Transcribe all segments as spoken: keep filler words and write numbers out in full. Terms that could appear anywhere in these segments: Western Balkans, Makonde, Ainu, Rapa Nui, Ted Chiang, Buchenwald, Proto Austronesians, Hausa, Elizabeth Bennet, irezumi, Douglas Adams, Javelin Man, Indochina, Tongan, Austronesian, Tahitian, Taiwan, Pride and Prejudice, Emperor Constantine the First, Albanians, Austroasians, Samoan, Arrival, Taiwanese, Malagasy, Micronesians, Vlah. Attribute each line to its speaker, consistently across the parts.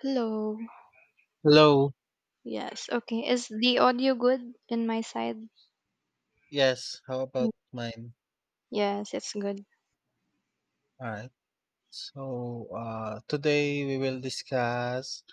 Speaker 1: Hello.
Speaker 2: Hello.
Speaker 1: Yes. Okay. Is the audio good in my side?
Speaker 2: Yes, how
Speaker 1: Mm.
Speaker 2: about mine?
Speaker 1: Yes, it's good.
Speaker 2: All right. So, uh, today we will discuss.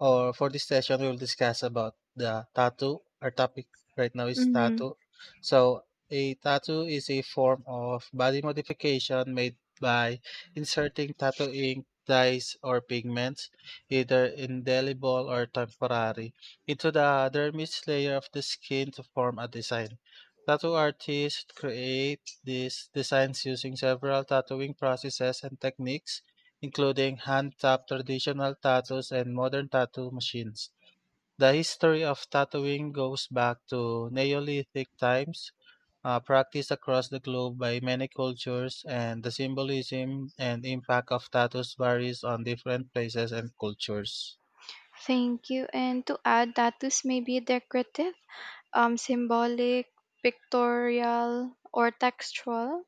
Speaker 2: Or for this session, we'll discuss about the tattoo. Our topic right now is
Speaker 1: Mm-hmm.
Speaker 2: tattoo. So a tattoo is a form of body modification made by inserting tattoo ink, dyes, or pigments, either indelible or temporary, into the dermis layer of the skin to form a design. Tattoo artists create these designs using several tattooing processes and techniques including hand-tapped traditional tattoos and modern tattoo machines. The history of tattooing goes back to Neolithic times, uh, practiced across the globe by many cultures, and the symbolism and impact of tattoos varies on different places and cultures.
Speaker 1: Thank you. And to add, tattoos may be decorative, um, symbolic, pictorial, or textual.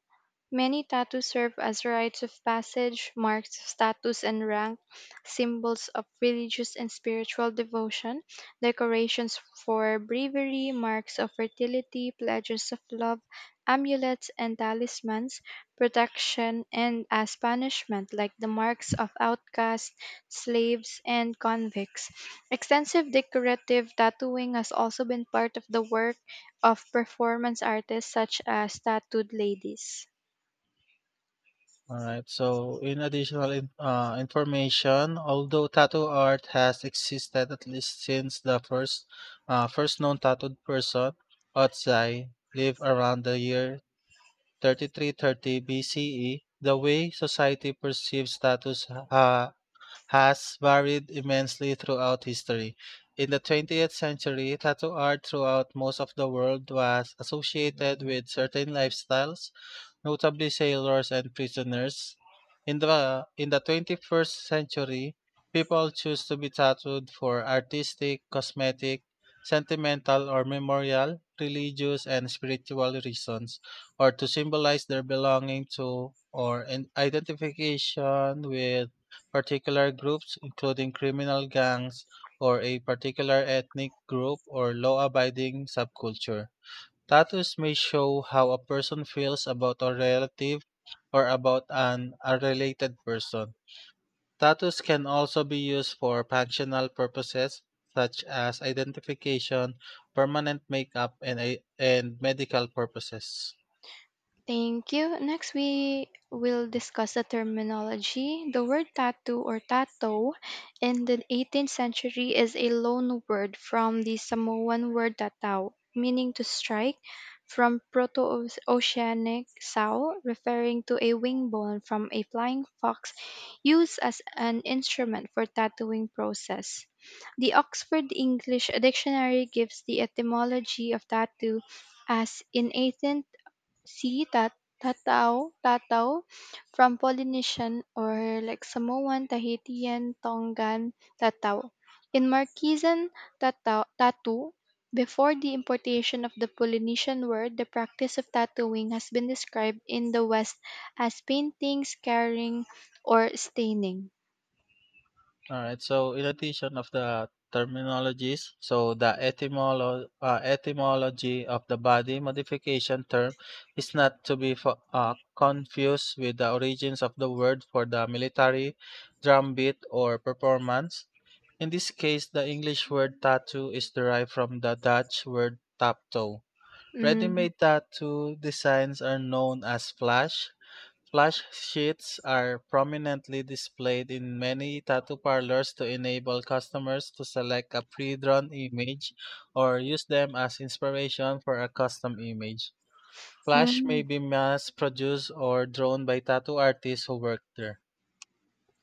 Speaker 1: Many tattoos serve as rites of passage, marks of status and rank, symbols of religious and spiritual devotion, decorations for bravery, marks of fertility, pledges of love, amulets and talismans, protection, and as punishment, like the marks of outcasts, slaves, and convicts. Extensive decorative tattooing has also been part of the work of performance artists such as tattooed ladies.
Speaker 2: All right. So, in additional in, uh, information, although tattoo art has existed at least since the first uh, first known tattooed person, Otsai, lived around the year three thousand three hundred thirty B C E, the way society perceives status ha- has varied immensely throughout history. In the twentieth century, tattoo art throughout most of the world was associated with certain lifestyles, notably sailors and prisoners. In the in the twenty-first century, people choose to be tattooed for artistic, cosmetic, sentimental or memorial, religious and spiritual reasons, or to symbolize their belonging to or an identification with particular groups including criminal gangs or a particular ethnic group or law abiding subculture. Tattoos may show how a person feels about a relative or about an unrelated person. Tattoos can also be used for functional purposes such as identification, permanent makeup, and, a- and medical purposes.
Speaker 1: Thank you. Next, we will discuss the terminology. The word tattoo or tato in the eighteenth century is a loan word from the Samoan word tatau, meaning to strike, from Proto Oceanic sow, referring to a wing bone from a flying fox used as an instrument for tattooing process. The Oxford English Dictionary gives the etymology of tattoo as in eighteenth, see tat, tatao, tatao, from Polynesian or like Samoan, Tahitian, Tongan tatao. In Marquesan tatao, tattoo, before the importation of the Polynesian word, the practice of tattooing has been described in the West as painting, scarring, or staining.
Speaker 2: All right. So, in addition of the terminologies, so the etymolo- uh, etymology of the body modification term is not to be fo- uh, confused with the origins of the word for the military drumbeat or performance. In this case, the English word tattoo is derived from the Dutch word tapto.
Speaker 1: Mm-hmm.
Speaker 2: Ready-made tattoo designs are known as flash. Flash sheets are prominently displayed in many tattoo parlors to enable customers to select a pre-drawn image or use them as inspiration for a custom image. Flash may be mass-produced or drawn by tattoo artists who work there.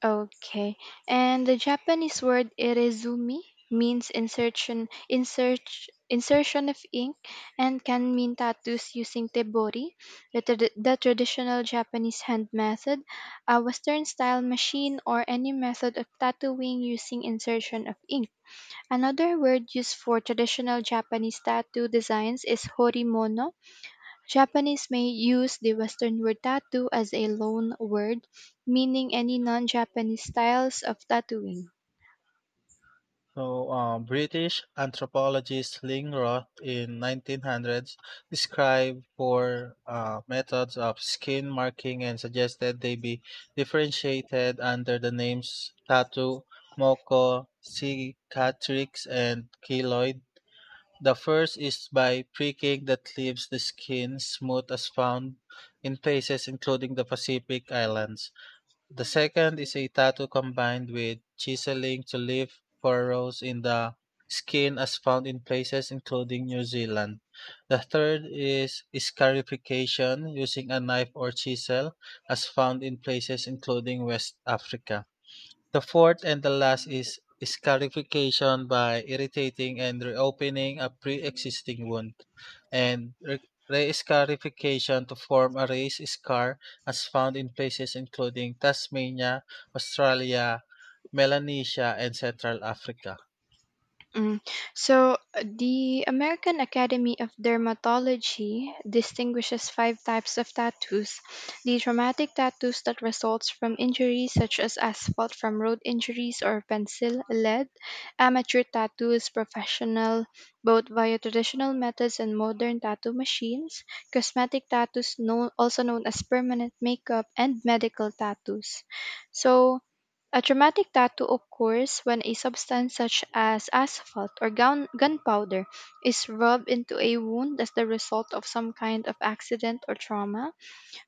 Speaker 1: Okay. And the Japanese word irezumi means insertion insert insertion of ink and can mean tattoos using tebori, the, trad- the traditional Japanese hand method, a western style machine or any method of tattooing using insertion of ink. Another word used for traditional Japanese tattoo designs is horimono. Japanese may use the Western word tattoo as a loan word, meaning any non Japanese styles of tattooing.
Speaker 2: So, um, British anthropologist Ling Roth in nineteen hundreds described four uh, methods of skin marking and suggested they be differentiated under the names tattoo, moko, cicatrix, and keloid. The first is by pricking that leaves the skin smooth as found in places including the Pacific Islands. The second is a tattoo combined with chiseling to leave furrows in the skin as found in places including New Zealand. The third is scarification using a knife or chisel as found in places including West Africa. The fourth and the last is scarification by irritating and reopening a pre-existing wound, and re- re-scarification to form a raised scar as found in places including Tasmania, Australia, Melanesia, and Central Africa.
Speaker 1: Mm. So, uh, the American Academy of Dermatology distinguishes five types of tattoos. The traumatic tattoos that results from injuries such as asphalt from road injuries or pencil lead, amateur tattoos, professional both via traditional methods and modern tattoo machines, cosmetic tattoos known, also known as permanent makeup and medical tattoos. So, a dramatic tattoo occurs when a substance such as asphalt or gun- gunpowder is rubbed into a wound as the result of some kind of accident or trauma.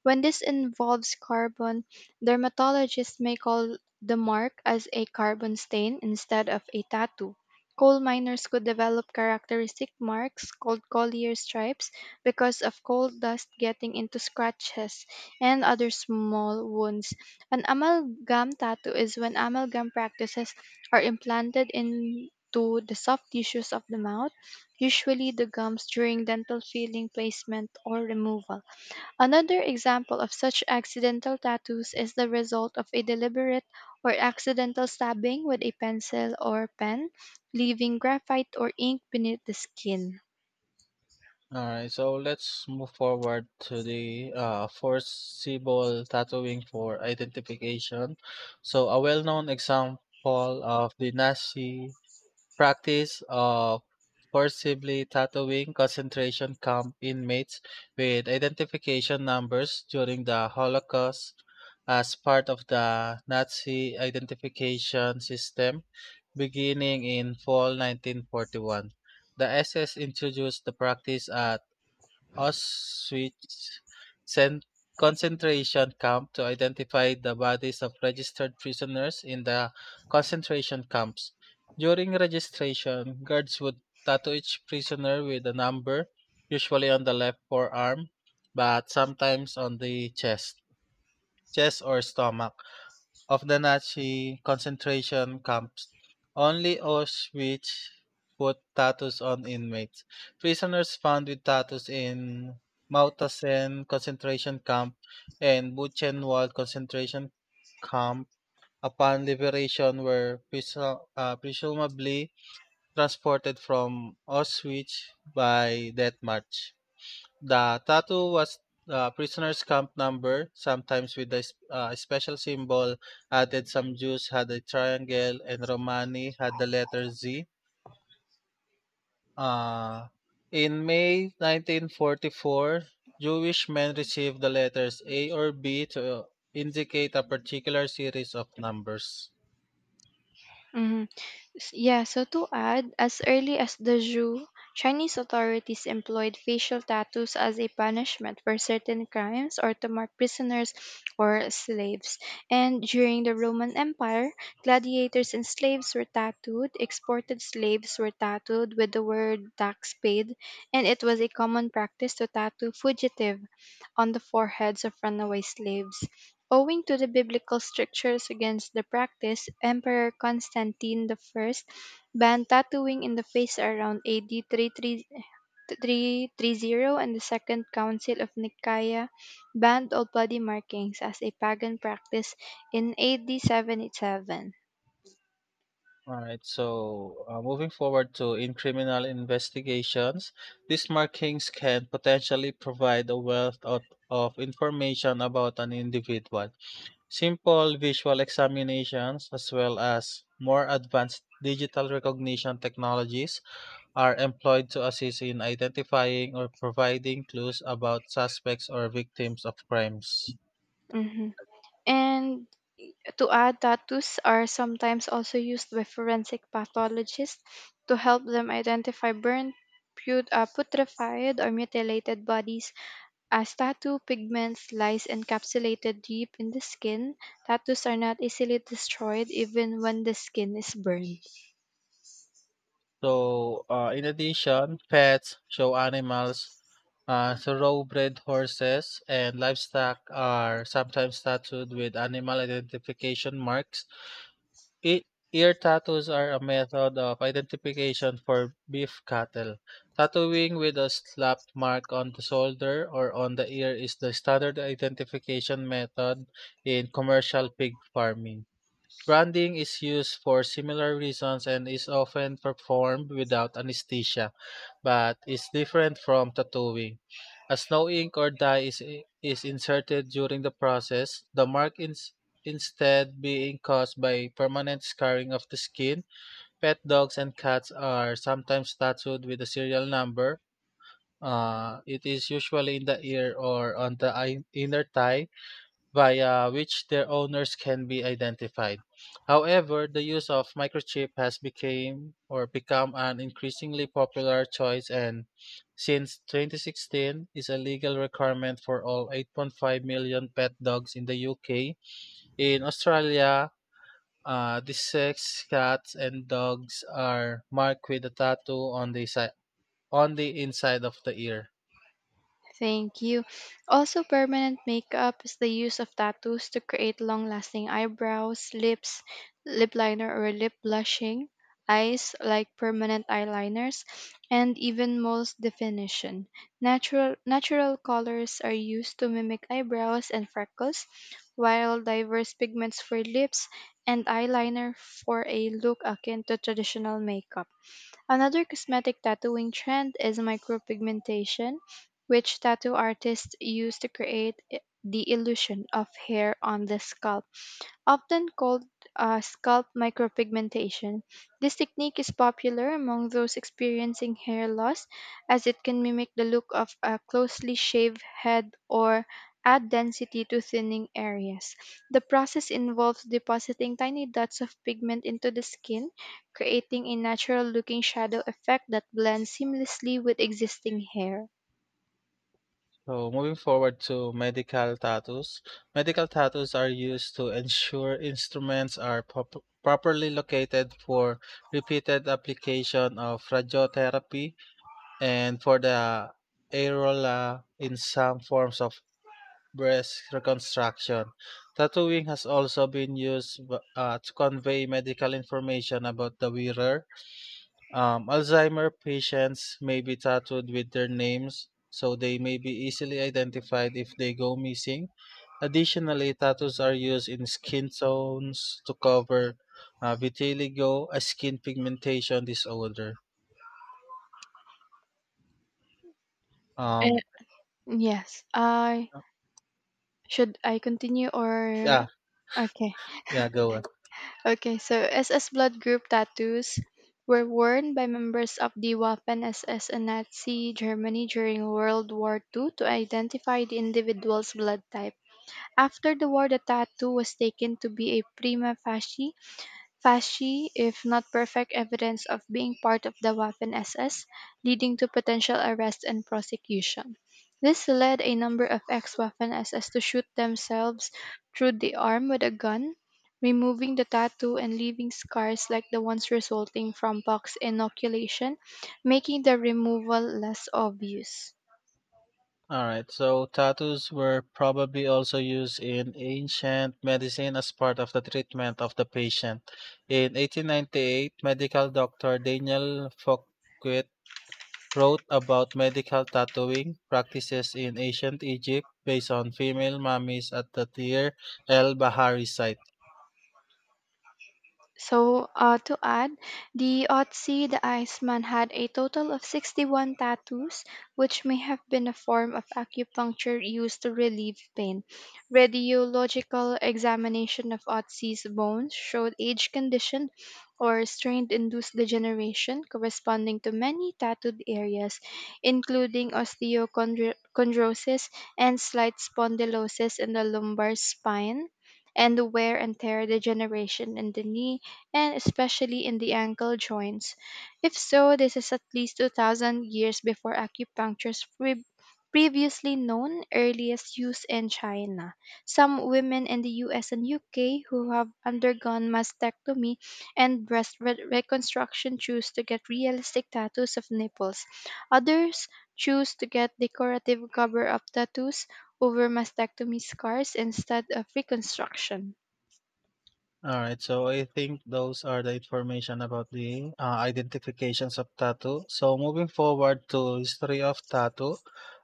Speaker 1: When this involves carbon, dermatologists may call the mark as a carbon stain instead of a tattoo. Coal miners could develop characteristic marks called collier stripes because of coal dust getting into scratches and other small wounds. An amalgam tattoo is when amalgam practices are implanted into the soft tissues of the mouth, usually the gums during dental filling placement or removal. Another example of such accidental tattoos is the result of a deliberate or accidental stabbing with a pencil or pen, leaving graphite or ink beneath the skin.
Speaker 2: All right, so let's move forward to the uh, forcible tattooing for identification. So, a well known example of the Nazi practice of forcibly tattooing concentration camp inmates with identification numbers during the Holocaust as part of the Nazi identification system beginning in fall nineteen forty-one. The S S introduced the practice at Auschwitz sent concentration camp to identify the bodies of registered prisoners in the concentration camps. During registration, guards would tattoo each prisoner with a number, usually on the left forearm, but sometimes on the chest, chest or stomach of the Nazi concentration camps. Only Auschwitz put tattoos on inmates. Prisoners found with tattoos in Mauthausen concentration camp and Buchenwald concentration camp upon liberation were presu- uh, presumably transported from Auschwitz by death march. The tattoo was the prisoner's camp number, sometimes with a, sp- uh, special symbol added. Some Jews had a triangle, and Romani had the letter Z. Uh, in May nineteen forty-four, Jewish men received the letters A or B to uh, indicate a particular series of numbers.
Speaker 1: Mhm. S- Yeah, so to add, as early as the Zhou, Chinese authorities employed facial tattoos as a punishment for certain crimes or to mark prisoners or slaves. And during the Roman Empire, gladiators and slaves were tattooed, exported slaves were tattooed with the word tax paid, and it was a common practice to tattoo fugitive on the foreheads of runaway slaves. Owing to the biblical strictures against the practice, Emperor Constantine the First banned tattooing in the face around A D three thirty, and the Second Council of Nicaea banned all body markings as a pagan practice in A D seventy-seven.
Speaker 2: All right, so uh, moving forward to in criminal investigations, these markings can potentially provide a wealth of, of information about an individual. Simple visual examinations, as well as more advanced digital recognition technologies, are employed to assist in identifying or providing clues about suspects or victims of crimes.
Speaker 1: Mhm. And to add, tattoos are sometimes also used by forensic pathologists to help them identify burned, put, uh, putrefied, or mutilated bodies. As tattoo pigments lies encapsulated deep in the skin, tattoos are not easily destroyed even when the skin is burned.
Speaker 2: So, uh, in addition, pets, show animals, uh, so thoroughbred horses, and livestock are sometimes tattooed with animal identification marks. E- ear tattoos are a method of identification for beef cattle. Tattooing with a slap mark on the shoulder or on the ear is the standard identification method in commercial pig farming. Branding is used for similar reasons and is often performed without anesthesia, but is different from tattooing. As no ink or dye is, is inserted during the process, the mark is instead being caused by permanent scarring of the skin. Pet dogs and cats are sometimes tattooed with a serial number. Uh, it is usually in the ear or on the i- inner thigh via which their owners can be identified. However, the use of microchip has became or become an increasingly popular choice and since twenty sixteen is a legal requirement for all eight point five million pet dogs in the U K. In Australia, uh, the six cats and dogs are marked with a tattoo on the si- on the inside of the ear.
Speaker 1: Thank you. Also, permanent makeup is the use of tattoos to create long lasting eyebrows, lips, lip liner or lip blushing, eyes like permanent eyeliners, and even most definition. Natural natural colors are used to mimic eyebrows and freckles, while diverse pigments for lips and eyeliner for a look akin to traditional makeup. Another cosmetic tattooing trend is micropigmentation, which tattoo artists use to create i- the illusion of hair on the scalp often called uh, scalp micropigmentation. This technique is popular among those experiencing hair loss as it can mimic the look of a closely shaved head or add density to thinning areas. The process involves depositing tiny dots of pigment into the skin, creating a natural looking shadow effect that blends seamlessly with existing hair.
Speaker 2: So moving forward to medical tattoos, medical tattoos are used to ensure instruments are pop- properly located for repeated application of radiotherapy and for the areola in some forms of breast reconstruction. Tattooing has also been used uh, to convey medical information about the wearer. um, Alzheimer patients may be tattooed with their names, so they may be easily identified if they go missing. Additionally, tattoos are used in skin tones to cover uh, vitiligo, a skin pigmentation disorder.
Speaker 1: Eh,
Speaker 2: Um,
Speaker 1: yes, I should I continue or
Speaker 2: yeah,
Speaker 1: okay.
Speaker 2: yeah, go on.
Speaker 1: Okay, so S S Blood Group tattoos were worn by members of the Waffen S S in Nazi Germany during World War two to identify the individual's blood type. After the war, the tattoo was taken to be a prima facie fasci, if not perfect, evidence of being part of the Waffen S S, leading to potential arrest and prosecution. This led a number of ex Waffen S S to shoot themselves through the arm with a gun, removing the tattoo and leaving scars like the ones resulting from pox inoculation, making the removal less obvious.
Speaker 2: All right, so tattoos were probably also used in ancient medicine as part of the treatment of the patient. In eighteen ninety-eight, medical doctor Daniel Fouquet wrote about medical tattooing practices in ancient Egypt based on female mummies at the Deir el Bahari site.
Speaker 1: So, uh, to add, the Otzi the Iceman had a total of sixty-one tattoos, which may have been a form of acupuncture used to relieve pain. Radiological examination of Otzi's bones showed age condition or strain induced degeneration corresponding to many tattooed areas, including osteochondrosis and slight spondylosis in the lumbar spine and the wear and tear degeneration in the knee, and especially in the ankle joints. If so, this is at least two thousand years before acupuncture's pre- previously known earliest use in China. Some women in the U S and U K who have undergone mastectomy and breast re- reconstruction choose to get realistic tattoos of nipples. Others choose to get decorative cover up tattoos over mastectomy scars instead of reconstruction.
Speaker 2: All right, so I think those are the information about the uh, identifications of tattoo. So moving forward to history of tattoo,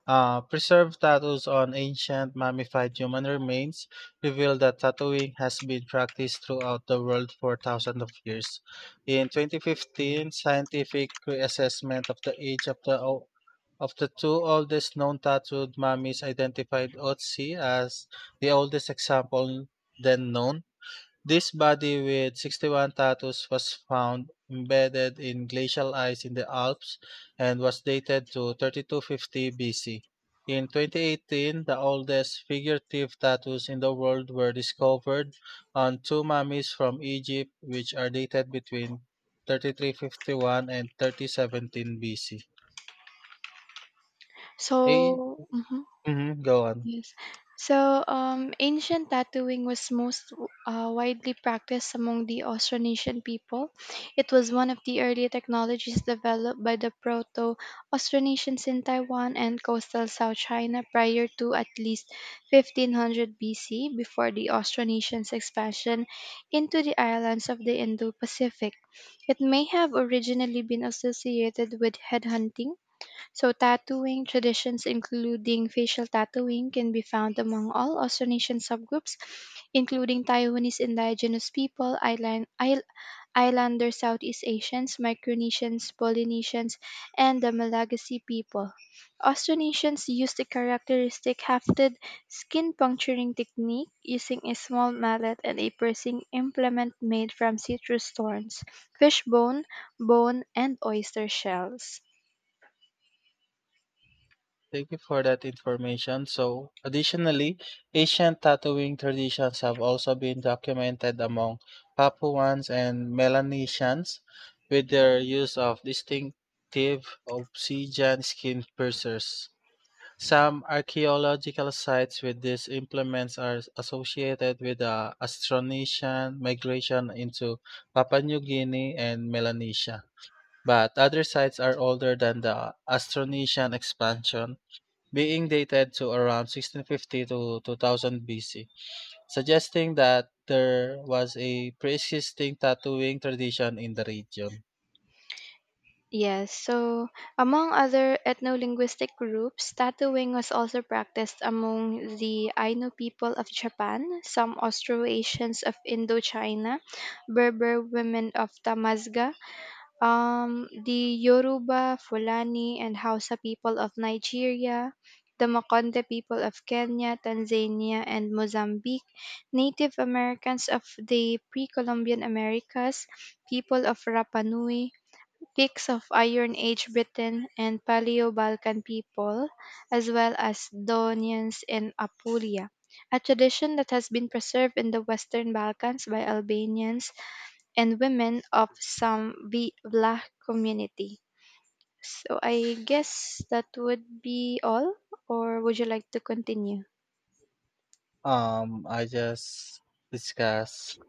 Speaker 2: uh, preserved tattoos on ancient mummified human remains reveal that tattooing has been practiced throughout the world for thousands of years. In twenty fifteen, scientific reassessment of the age of the Of the two oldest known tattooed mummies identified Otzi as the oldest example then known. This body with sixty-one tattoos was found embedded in glacial ice in the Alps and was dated to thirty-two fifty B C. In twenty eighteen, the oldest figurative tattoos in the world were discovered on two mummies from Egypt which are dated between three thousand three hundred fifty-one and three thousand seventeen B C. A
Speaker 1: So, mhm.
Speaker 2: Mhm, go on.
Speaker 1: Yes. So, um, Ancient tattooing was most uh, widely practiced among the Austronesian people. It was one of the early technologies developed by the Proto Austronesians in Taiwan and coastal South China prior to at least fifteen hundred B C, before the Austronesians' expansion into the islands of the Indo Pacific. It may have originally been associated with headhunting so, tattooing traditions, including facial tattooing, can be found among all Austronesian subgroups, including Taiwanese indigenous people, island, isl- islander Southeast Asians, Micronesians, Polynesians, and the Malagasy people. Austronesians used a characteristic hafted skin puncturing technique using a small mallet and a piercing implement made from citrus thorns, fish bone, bone, and oyster shells.
Speaker 2: Thank you for that information. So, additionally, ancient tattooing traditions have also been documented among Papuans and Melanesians with their use of distinctive obsidian skin piercers. Some archaeological sites with these implements are associated with the Austronesian migration into Papua New Guinea and Melanesia, but other sites are older than the Austronesian expansion, being dated to around sixteen fifty to two thousand B C, suggesting that there was a pre-existing tattooing tradition in the region.
Speaker 1: Yes, so among other ethno-linguistic groups, tattooing was also practiced among the Ainu people of Japan, some Austroasians of Indochina, Berber women of Tamazga, um, the Yoruba, Fulani, and Hausa people of Nigeria, the Makonde people of Kenya, Tanzania, and Mozambique, Native Americans of the pre-Columbian Americas, people of Rapa Nui, Kicks of Iron Age Britain and Paleo-Balkan people, as well as Daunians in Apulia, a tradition that has been preserved in the Western Balkans by Albanians and women of some V- Vlah community. So I guess that would be all, or would you like to continue?
Speaker 2: Um, I just discussed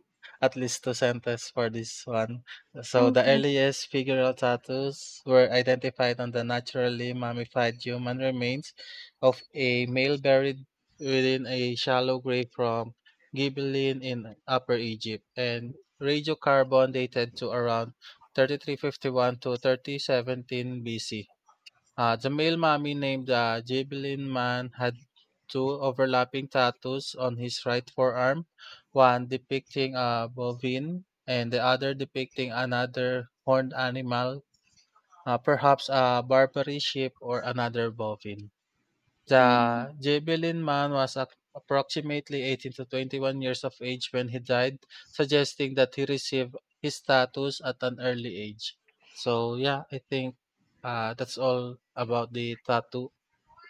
Speaker 2: at least two sentences for this one. So the
Speaker 1: Okay.
Speaker 2: earliest figural tattoos were identified on the naturally mummified human remains of a male buried within a shallow grave from Gibelline in Upper Egypt and radiocarbon dated to around thirty-three fifty-one to three thousand seventeen B C. Uh, the male mummy named the Javelin Man had two overlapping tattoos on his right forearm, one depicting a bovine and the other depicting another horned animal, uh, perhaps a Barbary sheep or another bovine. The
Speaker 1: Mm,
Speaker 2: Ghibellin man was ap- approximately eighteen to twenty-one years of age when he died, suggesting that he received his status at an early age. So yeah, I think uh, that's all about the tattoo.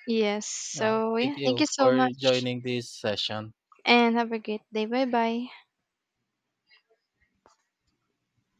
Speaker 1: yes.
Speaker 2: Yeah,
Speaker 1: So
Speaker 2: thank
Speaker 1: yeah, thank
Speaker 2: you
Speaker 1: you so
Speaker 2: for
Speaker 1: much,
Speaker 2: joining this session.
Speaker 1: and have a great day. Bye bye.